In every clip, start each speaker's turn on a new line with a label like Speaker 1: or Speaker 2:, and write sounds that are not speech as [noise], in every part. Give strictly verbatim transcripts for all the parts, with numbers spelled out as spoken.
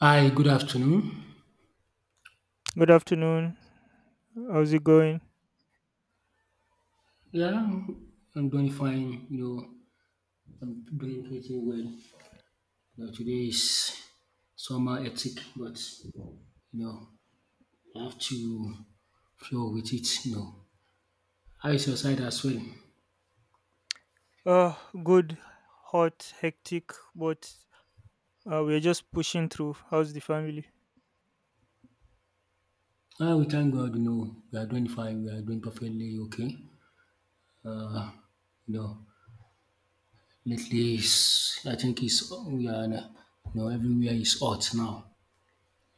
Speaker 1: Hi, good afternoon.
Speaker 2: Good afternoon. How's it going?
Speaker 1: Yeah, I'm I'm doing fine. You know, I'm doing pretty well. You know, today is summer hectic, but you know, I have to flow with it. You know, how is your side as well?
Speaker 2: Uh, good, hot, hectic, but uh, we're just pushing through. How's the family?
Speaker 1: Ah, we thank God. You know, we are doing fine. We are doing perfectly okay. Uh, you know, lately is I think it's we are uh, you know everywhere is hot now.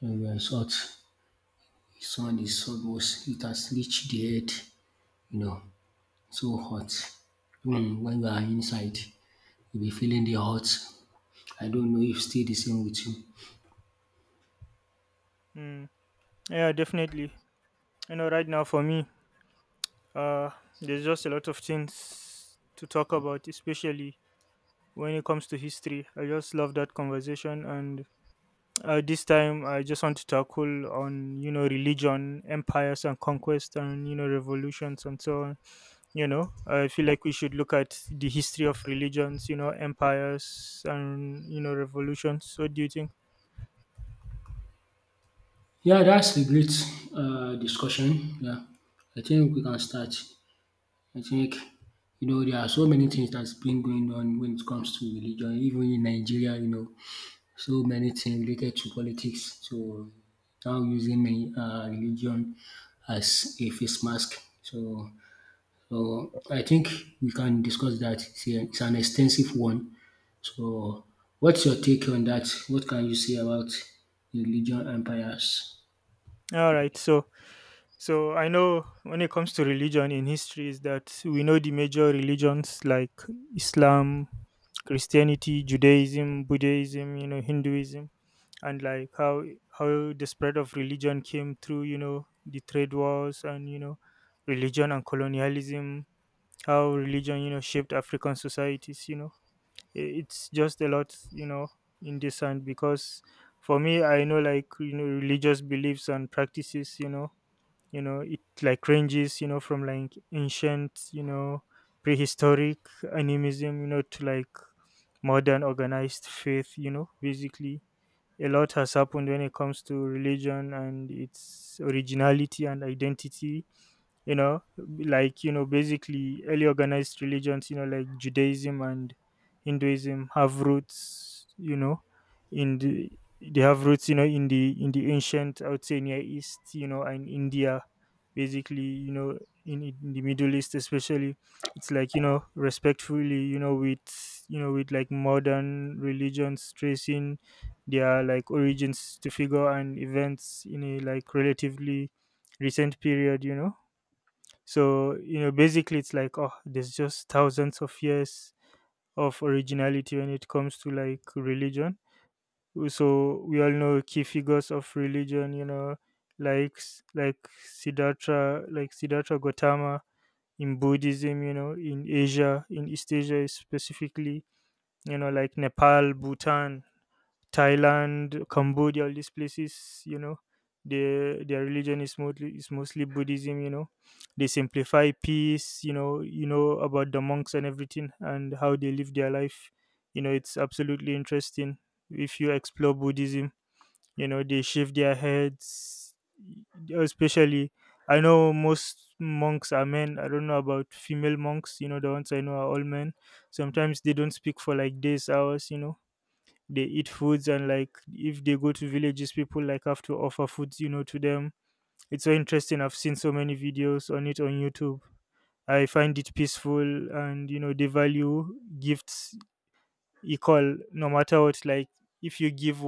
Speaker 1: Everywhere is hot. Sun is almost it has reached the head. You know, so hot. Even when you are inside, you'll be feeling the hot. I don't know if still the same with you.
Speaker 2: Mm. Yeah, definitely. You know, right now for me, uh, there's just a lot of things to talk about, especially when it comes to history. I just love that conversation, and uh, this time I just want to tackle on you know religion, empires and conquest, and you know revolutions and so on. You know, I feel like we should look at the history of religions, you know, empires and you know revolutions. What do you think?
Speaker 1: Yeah, that's a great um discussion. Yeah, I think we can start. I think you know there are so many things that's been going on when it comes to religion, even in Nigeria, you know, so many things related to politics. So now using the um religion as a face mask. So So, I think we can discuss that. It's a- it's an extensive one. So, what's your take on that? What can you say about religion empires?
Speaker 2: All right, so So I know when it comes to religion in history is that we know the major religions like Islam, Christianity, Judaism, Buddhism, you know, Hinduism, and like how how the spread of religion came through, you know, the trade wars and you know, religion and colonialism, how religion, you know, shaped African societies. you know. I- It's just a lot, you know, in this. And because for me I know like you know religious beliefs and practices, you know you know it like ranges you know from like ancient you know prehistoric animism you know to like modern organized faith. you know basically a lot has happened when it comes to religion and its originality and identity. you know like you know basically early organized religions you know like Judaism and Hinduism have roots you know in the, they have roots you know in the, in the ancient, I would say, Near East, you know and India. Basically, you know in, in the Middle East especially. It's like you know respectfully, you know, with, you know with like modern religions tracing their like origins to figure and events in a like relatively recent period. you know so, you know, basically it's like, oh, there's just thousands of years of originality when it comes to like religion. So we all know key figures of religion, you know, like s- like Siddhartha, like Siddhartha Gautama in Buddhism, you know, in Asia, in East Asia specifically, you know, like Nepal, Bhutan, Thailand, Cambodia, all these places, you know, their their religion is mostly is mostly Buddhism. you know. They simplify peace. you know, you know about the monks and everything and how they live their life. You know, it's absolutely interesting if you explore Buddhism. You know, they shave their heads, especially. I know most monks are men. I don't know about female monks. You know, the ones I know are all men. Sometimes they don't speak for like days, hours. You know, they eat foods, and like if they go to villages, people like have to offer foods you know to them. It's so interesting. I've seen so many videos on it on YouTube. I find it peaceful, and you know they value gifts equal no matter what. Like if you give,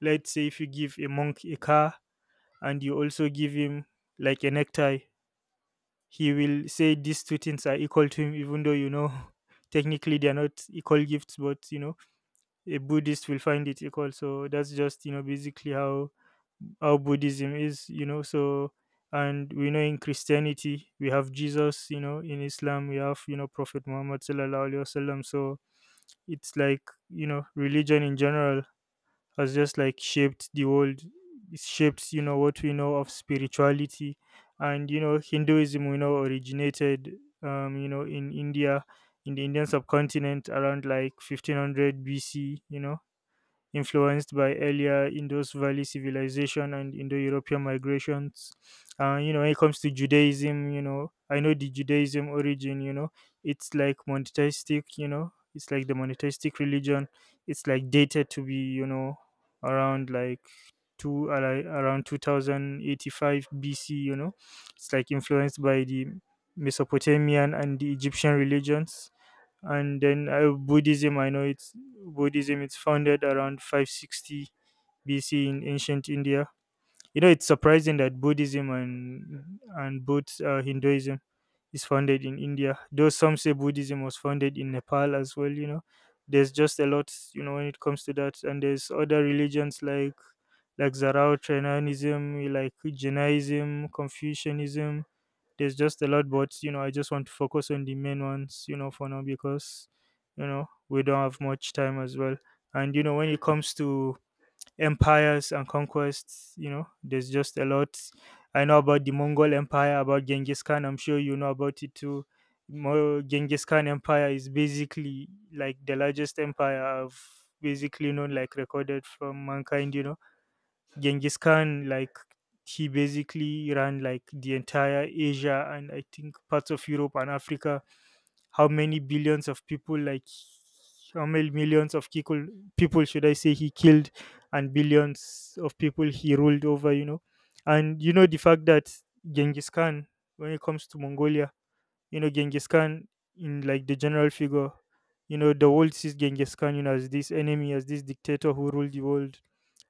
Speaker 2: let's say if you give a monk a car, and you also give him like a necktie, he will say these two things are equal to him. Even though, you know [laughs] technically they are not equal gifts, but you know a Buddhist will find it equal. So that's just you know basically how how buddhism is. you know so and we know in Christianity we have Jesus, you know in Islam we have, you know Prophet Muhammad sallallahu alaihi wasallam. So it's like, you know religion in general has just like shaped the world. It's shaped, you know what we know of spirituality. And you know Hinduism, we know, originated um you know in India, in the Indian subcontinent around like fifteen hundred B C BC, you know influenced by earlier Indus Valley civilization and Indo-European migrations. Uh, you know, when it comes to Judaism, you know, I know the Judaism origin. You know, it's like monotheistic. You know, it's like the monotheistic religion. It's like dated to be, you know, around like two ali- around two thousand eighty-five B C. You know, it's like influenced by the Mesopotamian and the Egyptian religions. And then uh, Buddhism, I know it's, buddhism it's founded around five sixty BC in ancient India. You know, it's surprising that Buddhism and and both uh, Hinduism is founded in India, though some say Buddhism was founded in Nepal as well. You know, there's just a lot, you know when it comes to that. And there's other religions like, like Zoroastrianism, like Jainism, Confucianism. There's just a lot, but you know, I just want to focus on the main ones, you know, for now because you know we don't have much time as well. And you know, when it comes to empires and conquests, you know, there's just a lot. I know about the Mongol Empire, about Genghis Khan. I'm sure you know about it too. Mo- Genghis Khan Empire is basically like the largest empire I've basically known, like recorded from mankind. you know Genghis Khan, like, he basically ran like the entire Asia and I think parts of Europe and Africa. How many billions of people, like, how many millions of people, people should I say he killed, and billions of people he ruled over. you know, and you know the fact that Genghis Khan, when it comes to Mongolia, you know Genghis Khan, in like the general figure, you know the world sees Genghis Khan, you know as this enemy, as this dictator who ruled the world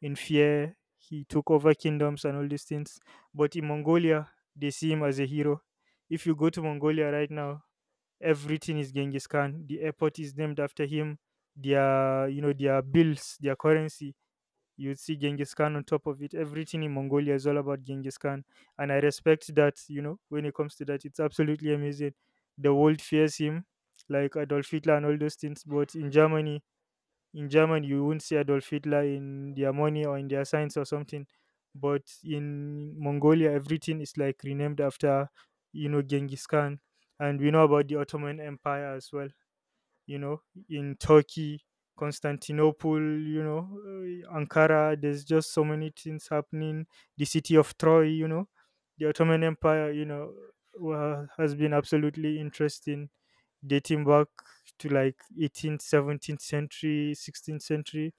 Speaker 2: in fear. He took over kingdoms and all these things. But in Mongolia, they see him as a hero. If you go to Mongolia right now, everything is Genghis Khan. The airport is named after him. Their, you know their bills, their currency, you would see Genghis Khan on top of it. Everything in Mongolia is all about Genghis Khan. And I respect that. You know, when it comes to that, it's absolutely amazing. The world fears him, like Adolf Hitler and all those things. But in Germany, in Germany, you won't see Adolf Hitler in their money or in their signs or something. But in Mongolia, everything is like renamed after, you know, Genghis Khan. And we know about the Ottoman Empire as well, you know, in Turkey, Constantinople, you know, uh, Ankara. There's just so many things happening. The city of Troy, you know, the Ottoman Empire, you know, wa- has been absolutely interesting, dating back to like eighteenth, seventeenth century, sixteenth century.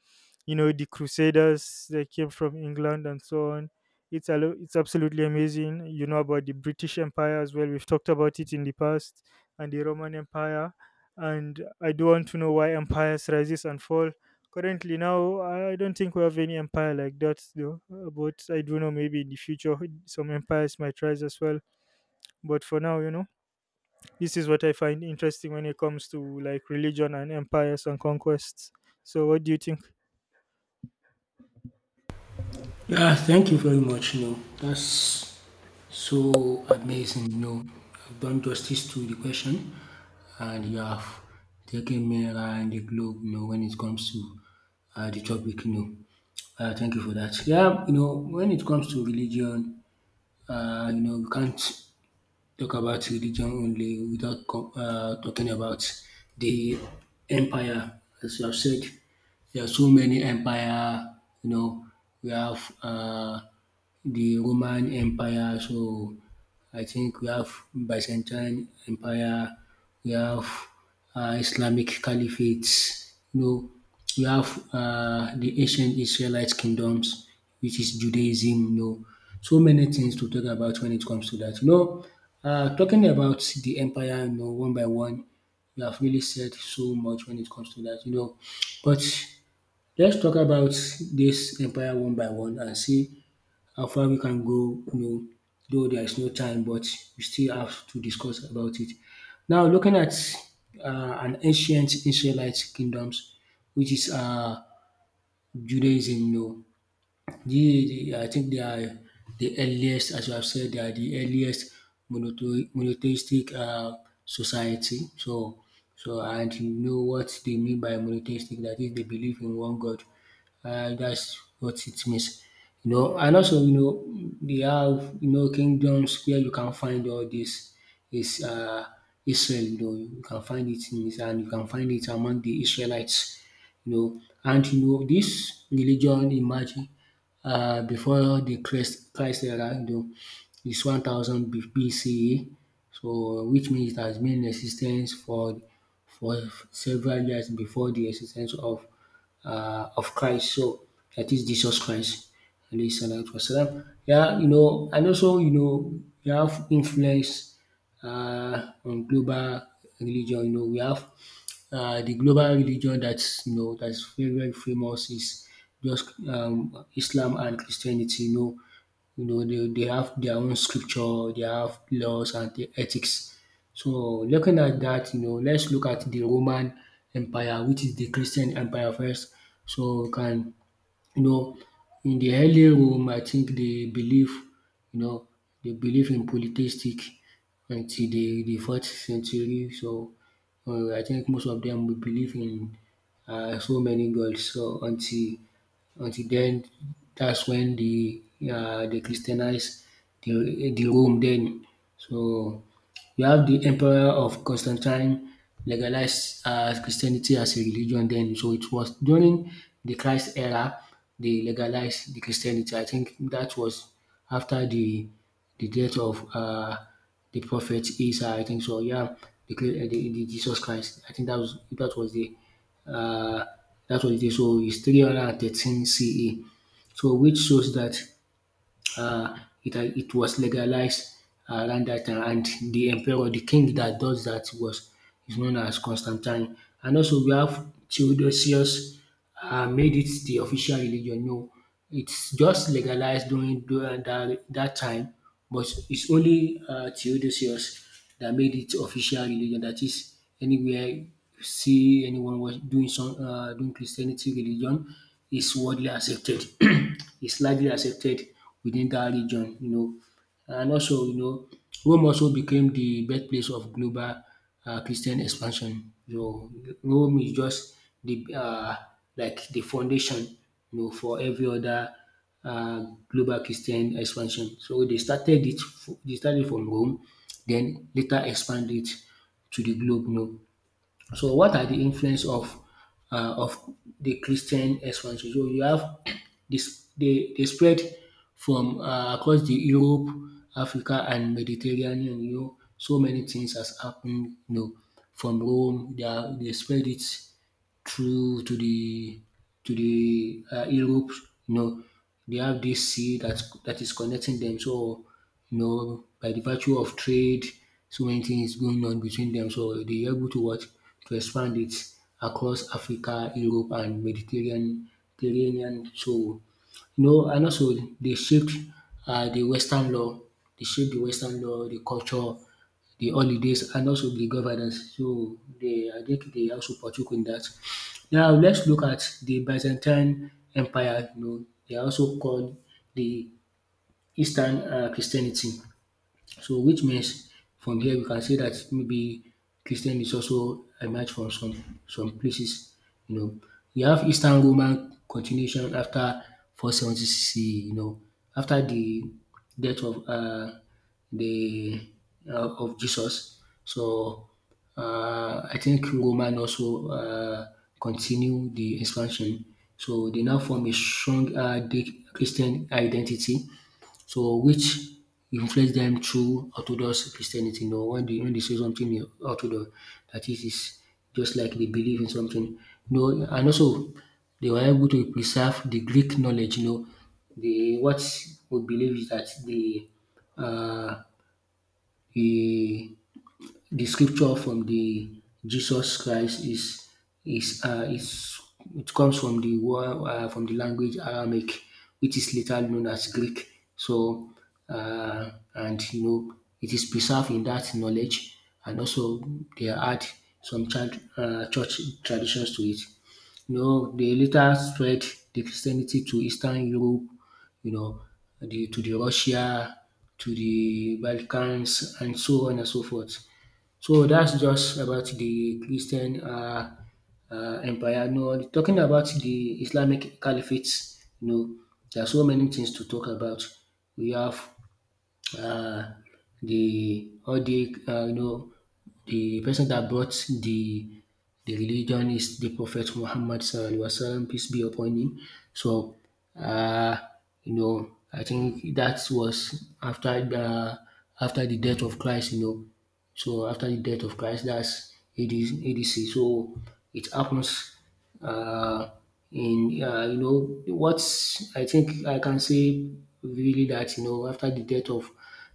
Speaker 2: you know the crusaders that came from England and so on. It's a lo- it's absolutely amazing. You know about the British Empire as well, we've talked about it in the past. And the Roman Empire. And I do want to know why empires rises and fall. Currently now, I don't think we have any empire like that though uh, but I do know, maybe in the future, some empires might rise as well. But for now, you know this is what I find interesting when it comes to like religion and empires and conquests. So what do you think?
Speaker 1: Yeah, thank you very much. No, that's so amazing. No, I've done justice to the question, and you have taken me around the globe. You know, when it comes to uh, the topic, you know. Uh, thank you for that. Yeah, you know, when it comes to religion, uh, you know, we can't talk about religion only without com um talking about the empire. As you have said, there are so many empire, you know, we have um the Roman Empire, so I think we have Byzantine Empire, we have um Islamic Caliphates. You know we have uh, the ancient Israelite kingdoms, which is Judaism, you know, so many things to talk about when it comes to that. You know, uh, talking about the empire, you know, one by one, you have really said so much when it comes to that, you know. But let's talk about this empire one by one and see how far we can go, you know, though there is no time, but we still have to discuss about it. Now, looking at uh, an ancient Israelite kingdoms, which is uh, Judaism, you know, the, the I think they are the earliest, as you have said, they are the earliest monotho- monotheistic uh, society. So, so and you know what they mean by monotheistic? That is, they believe in one God. Uh, that's what it means. You know, and also you know they have you know kingdoms where you can find all this is uh, Israel. You know, you can find it in Israel, and you can find it among the Israelites. You know and you know this religion emerged um before the Christ Christ era, you know, is one thousand B C E, so uh, which means it has been in existence for for several years before the existence of uh, of Christ. So that is Jesus Christ, alayhi salatu wasalam. Yeah, you know, and also you know, we have influence uh, on global religion. You know, we have uh, the global religion that's you know that's very very famous is just um, Islam and Christianity. You know, you know, they, they have their own scripture, they have laws and the ethics. So looking at that, you know, let's look at the Roman Empire, which is the Christian Empire first. So we can, you know, in the early Rome, I think they believe, you know, they believe in polytheistic until the, the fourth century. So uh, I think most of them will believe in uh, so many gods. So until until then, that's when they uh, they Christianize the, the Rome then. So you have the emperor of Constantine legalized uh, Christianity as a religion then. So it was during the Christ era they legalized the Christianity. I think that was after the the death of uh, the prophet Isa. I think so. Yeah, the, the, the Jesus Christ. I think that was that was the uh, that's what it is. So it's three thirteen C E. So which shows that uh, it, uh, it was legalized around that time. And the emperor, the king that does that was is known as Constantine. And also we have Theodosius uh, made it the official religion. No, it's just legalized during, during that, that time but it's only uh, Theodosius that made it official religion. That is, anywhere you see anyone was doing some uh, doing Christianity religion is widely accepted. [clears throat] It's largely accepted within that region, you know. And also, you know, Rome also became the birthplace of global um Christian expansion. So Rome is just the um like the foundation you know for every other um global Christian expansion. So they started it f- they started from Rome, then later expand it to the globe you know. So what are the influence of uh, of the Christian expansion? So you have this they, they spread from uh, across the Europe, Africa and Mediterranean, you know, so many things has happened, you know, from Rome, they, are, they spread it through to the to the uh, Europe. You know, they have this sea that that is connecting them. So you know, by the virtue of trade, so many things going on between them. So they are able to what to expand it across Africa, Europe, and Mediterranean. Mediterranean. So you know, and also they shaped uh, the Western law. They shaped the Western law, the culture, the holidays, and also the governance. So they, I think they also partook in that. Now let's look at the Byzantine Empire you know they are also called the Eastern um Christianity. So which means from here we can say that maybe Christian is also emerged from some some places, you know. We have Eastern Roman continuation after four seventy C E, you know, after the death of uh, the uh, of Jesus. So uh, I think Roman also uh, continue the expansion. So they now form a strong uh, the Christian identity so which influence dem through Orthodox Christianity. You know when they when they say something in Orthodox that is is just like they believe in something. You know and also they were able to preserve the Greek knowledge. You know the what we believe is that the uh the the scripture from the Jesus Christ is is uh, is it comes from the word uh, from the language Aramaic, which is later known as Greek. So uh, and you know it is preserved in that knowledge, and also they add some child, uh, church traditions to it. You know they later spread the Christianity to Eastern Europe. You know the to the Russia, to the Balkans, and so on and so forth. So that's just about the Christian uh um empire. No, talking about the Islamic caliphate, you know, there are so many things to talk about. We have uh, the all the uh, you know the person that brought the the religion is the Prophet Muhammad sallallahu alaihi wasallam peace be upon him. So uh, you know I think that was after the after the death of Christ. You know, so after the death of Christ, that's A D, A D C. So it happens uh, in uh, you know what I think I can say really that you know after the death of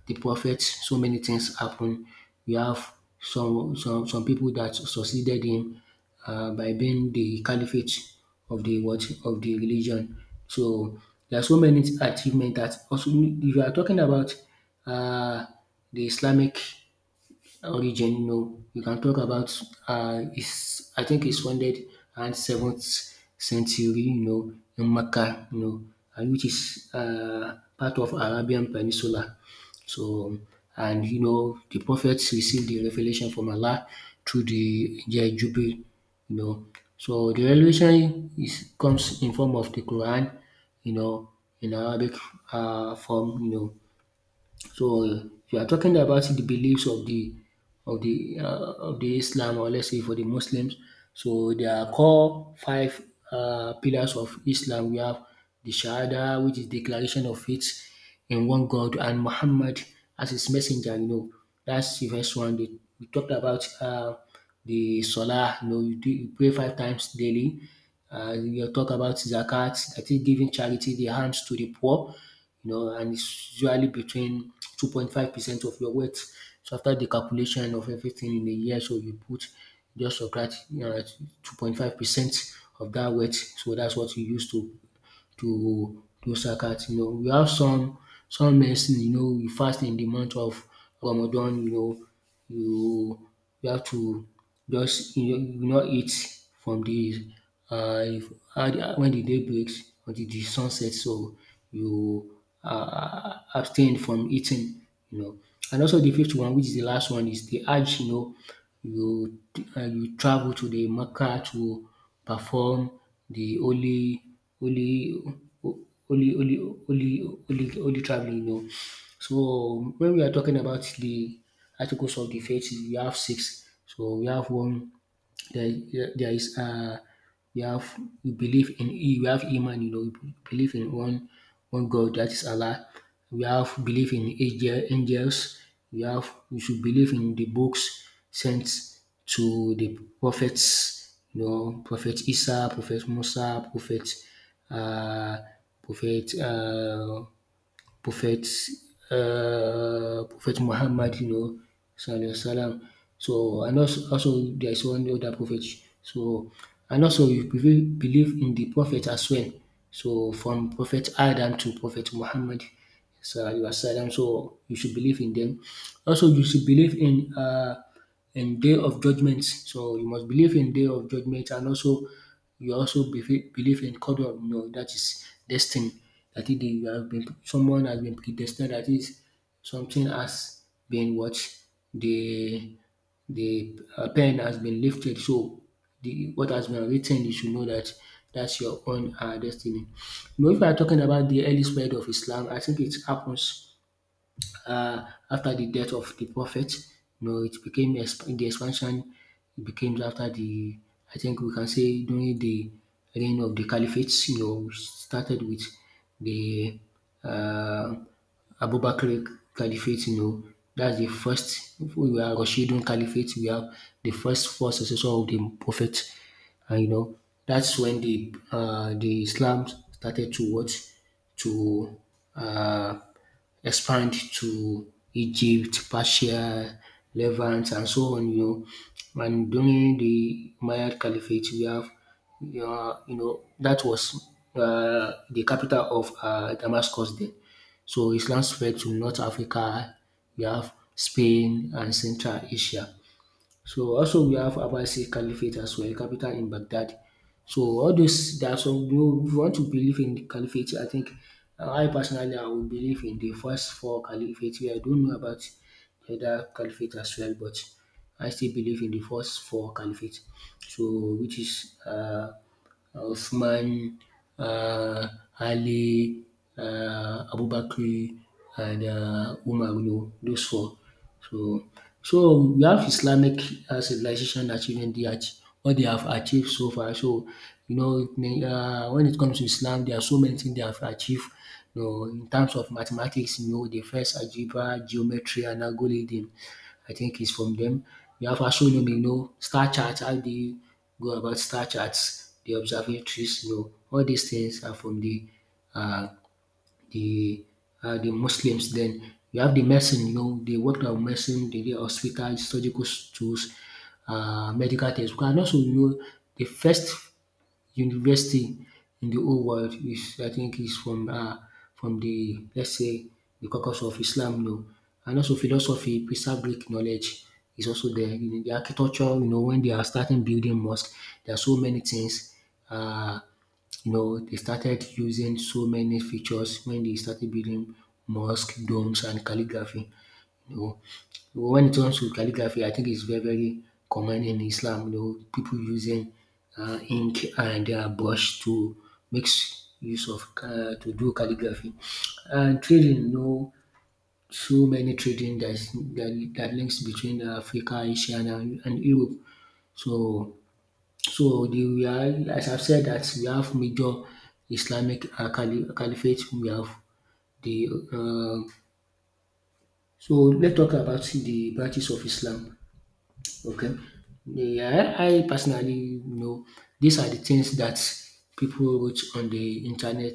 Speaker 1: the prophet, so many things happen. We have some some some people that succeeded him uh, by being the caliphate of the what of the religion. So there are so many achievements that also if you are talking about uh, the Islamic origin, no, we can talk about uh, is I think it's founded around seventh century, you know, in Mecca, you know, and which is uh, part of Arabian Peninsula. So, and you know, the prophets received the revelation from Allah through the angel Jubril, you know. So the revelation is comes in form of the Quran, you know, in Arabic uh, form, you know, so, if you are talking about the beliefs of the of the uh, of the Islam or let's say for the Muslims. So there are core five uh, pillars of Islam. We have the Shahada, which is declaration of faith in one God, and Muhammad as his messenger. You know, that's the first one. They, we talked about uh, the Salah. You know, you, do, you pray five times daily. Uh, you talk about zakat, that is giving charity, the hands to the poor you know, and it's usually between two point five percent of your wealth. So after the calculation of everything in a year, so you put just subtract you know two point five percent of that weight. So that's what you use to to do zakat. You know, we have some some medicine, you know, you fast in the month of Ramadan, you know. you you have to just you know, you not eat from de um when the day breaks until the sun sets. So you um abstain from eating, you know. And also the fifth one, which is the last one, is the hajj, you know. You uh, you travel to the Mecca to perform the holy holy ho- holy holy holy holy holy travelling, you know. So when we are talking about the articles of the faith, we have six. So we have one there, there is um you have, you believe in, you have Iman, you know, you believe in one one God. That is Allah. We have believe in angel angels. We have, we should believe in the books sent to the prophets, you know, prophet Isa, prophet Musa, prophet um prophet um prophets, uh, Prophet Muhammad, you know, Sallallahu Alaihi Wasallam. So, and also, also there is one other prophet. So, and also we believe believe in the prophet as well. So, from Prophet Adam to Prophet Muhammad, so you are silent. So you should believe in them. Also, you should believe in uh, in day of judgment. So you must believe in day of judgment, and also you also befe- believe in codon. You know, that is destiny. That is, you have been, someone has been predestined. That is something has been what they the uh, pen has been lifted. So the what has been written, you should know that that's your own uh, destiny. You know, if you are talking about the early spread of Islam, I think it happens uh, after the death of the prophet, you know. It became exp- the expansion. It became after the, I think we can say during the reign of the caliphates. You know, we started with the uh, Abu Bakr Caliphate. You know, that's the first. We are Rashidun Caliphate. We have the first four successor of the prophet, and you know that's when the uh, the Islam started to what, to uh, expand to Egypt, Persia, Levant and so on, you know. And during the Umayyad Caliphate, we have um you know, that was uh, the capital of uh Damascus then. So Islam spread to North Africa, we have Spain and Central Asia. So also we have Abbasid Caliphate as well, capital in Baghdad. So all those, there are some, you know, if you want to believe in the caliphate, I think uh, I personally I would believe in the first four caliphates. Where I don't know about the other caliphate as well, but I still believe in the first four caliphates. So which is uh uh, Usman, ah, Ali, ah, Abubakar and ah Umar, you know, those four. So so we have Islamic uh, civilization achieving that what they have achieved so far. So you know, um when it comes to Islam there are so many things they have achieved, you know, in terms of mathematics, you know, the first algebra, geometry and algorithm I think is from them. We have astronomy, you know, star chart, how dey go about star charts, the observatories, you know, all these things are from the uh, the uh, the Muslims. Then you have the medicine, you know, they worked on medicine, they did hospital, surgical tools, uh, medical things. And also, you know, the first university in the whole world is, I think is from um from the, let's say, the caucus of Islam, you know. And also philosophy, preserve Greek knowledge is also there. You know, the architecture, you know, when they are starting building mosque, there are so many things, um you know, they started using so many features when they started building mosque, domes and calligraphy. You know, when it comes to calligraphy, I think it's very, very common in Islam. You know, people using uh, ink and uh, brush to make s- use of uh, to do calligraphy. And trading, you know, so many trading that is, that, that links between Africa, Asia, and, and Europe. So, so the, we are, as I've said, that we have major Islamic uh, caliph- caliphate. We have the uh, so let's talk about the branches of Islam. Okay. Yeah, I personally know these are the things that people wrote on the internet.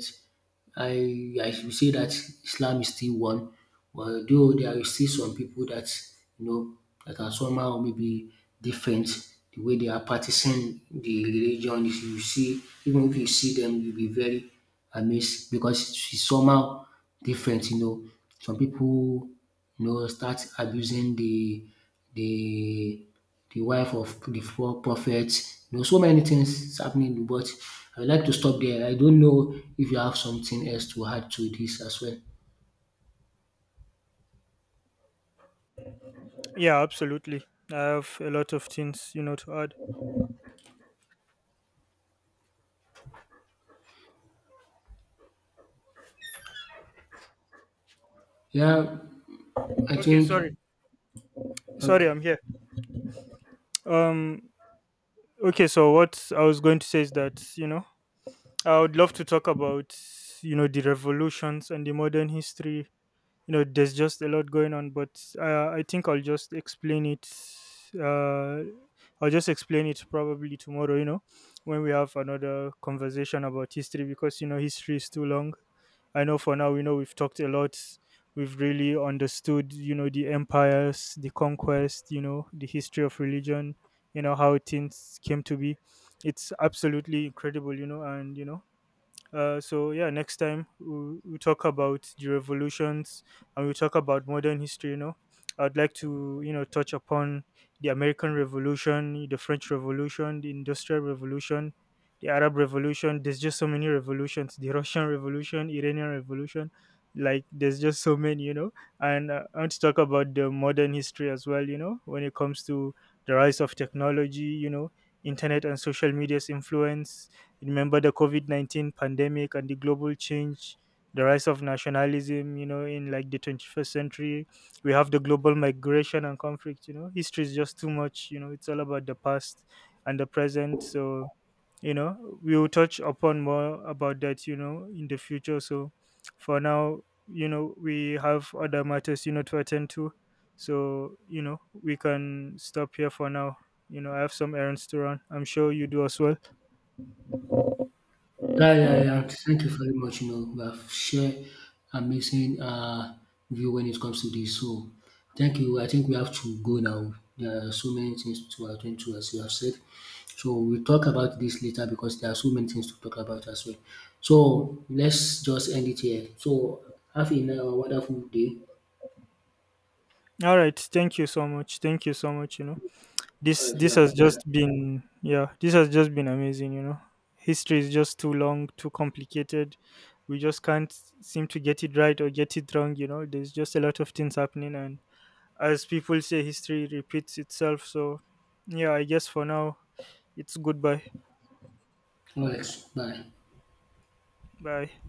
Speaker 1: I I should say that Islam is still one, although there is still some people that, you know, that are somehow maybe different. The way they are practicing the religion, if you see, even if you see them, you'll be very amazed because it's somehow different. You know, some people, you know, start abusing the the the wife of the four prophets. You know, so many things happening, but I would like to stop there. I don't know if you have something else to add to this as well.
Speaker 2: Yeah, absolutely. I have a lot of things, you know, to add.
Speaker 1: Yeah, I
Speaker 2: Okay, sorry.
Speaker 1: think
Speaker 2: Sorry,
Speaker 1: okay.
Speaker 2: I'm here. Um okay, so what I was going to say is that, you know, I would love to talk about, you know, the revolutions and the modern history. you know there's just a lot going on, but uh, I think I'll just explain it, uh, I'll just explain it probably tomorrow, you know when we have another conversation about history. Because you know history is too long. I know for now, we know, we've talked a lot. We've really understood, you know the empires, the conquest, you know the history of religion, you know how things came to be. It's absolutely incredible. you know and you know uh, so yeah, next time we we talk about the revolutions, and we talk about modern history. You know, I'd like to, you know touch upon the American Revolution, the French Revolution, the Industrial Revolution, the Arab Revolution. There's just so many revolutions. The Russian [laughs] Revolution, Iranian Revolution. Like there's just so many, you know. and uh, I want to talk about the modern history as well. You know, when it comes to the rise of technology, you know, internet and social media's influence, remember the COVID nineteen pandemic and the global change, the rise of nationalism, you know, in like the twenty-first century. We have the global migration and conflict. you know. History is just too much. you know, it's all about the past and the present. So, you know, we will touch upon more about that, you know, in the future. So, for now, you know, we have other matters, you know, to attend to. So, you know, we can stop here for now. You know, I have some errands to run. I'm sure you do as well.
Speaker 1: Yeah, yeah, yeah. Thank you very much. You know, we have shared amazing uh, view when it comes to this. So, thank you. I think we have to go now. There are so many things to attend to, as you have said. So, we'll talk about this later because there are so many things to talk about as well. So, let's just end it here. So, have a uh, wonderful day.
Speaker 2: All right. Thank you so much. Thank you so much. You know, this
Speaker 1: All right,
Speaker 2: this
Speaker 1: yeah,
Speaker 2: has just
Speaker 1: bye.
Speaker 2: been, yeah, this has just been amazing. You know, history is just too long, too complicated. We just can't seem to get it right or get it wrong. You know, there's just a lot of things happening, and as people say, history repeats itself. So yeah, I guess for now it's goodbye.
Speaker 1: All right, bye.
Speaker 2: Bye.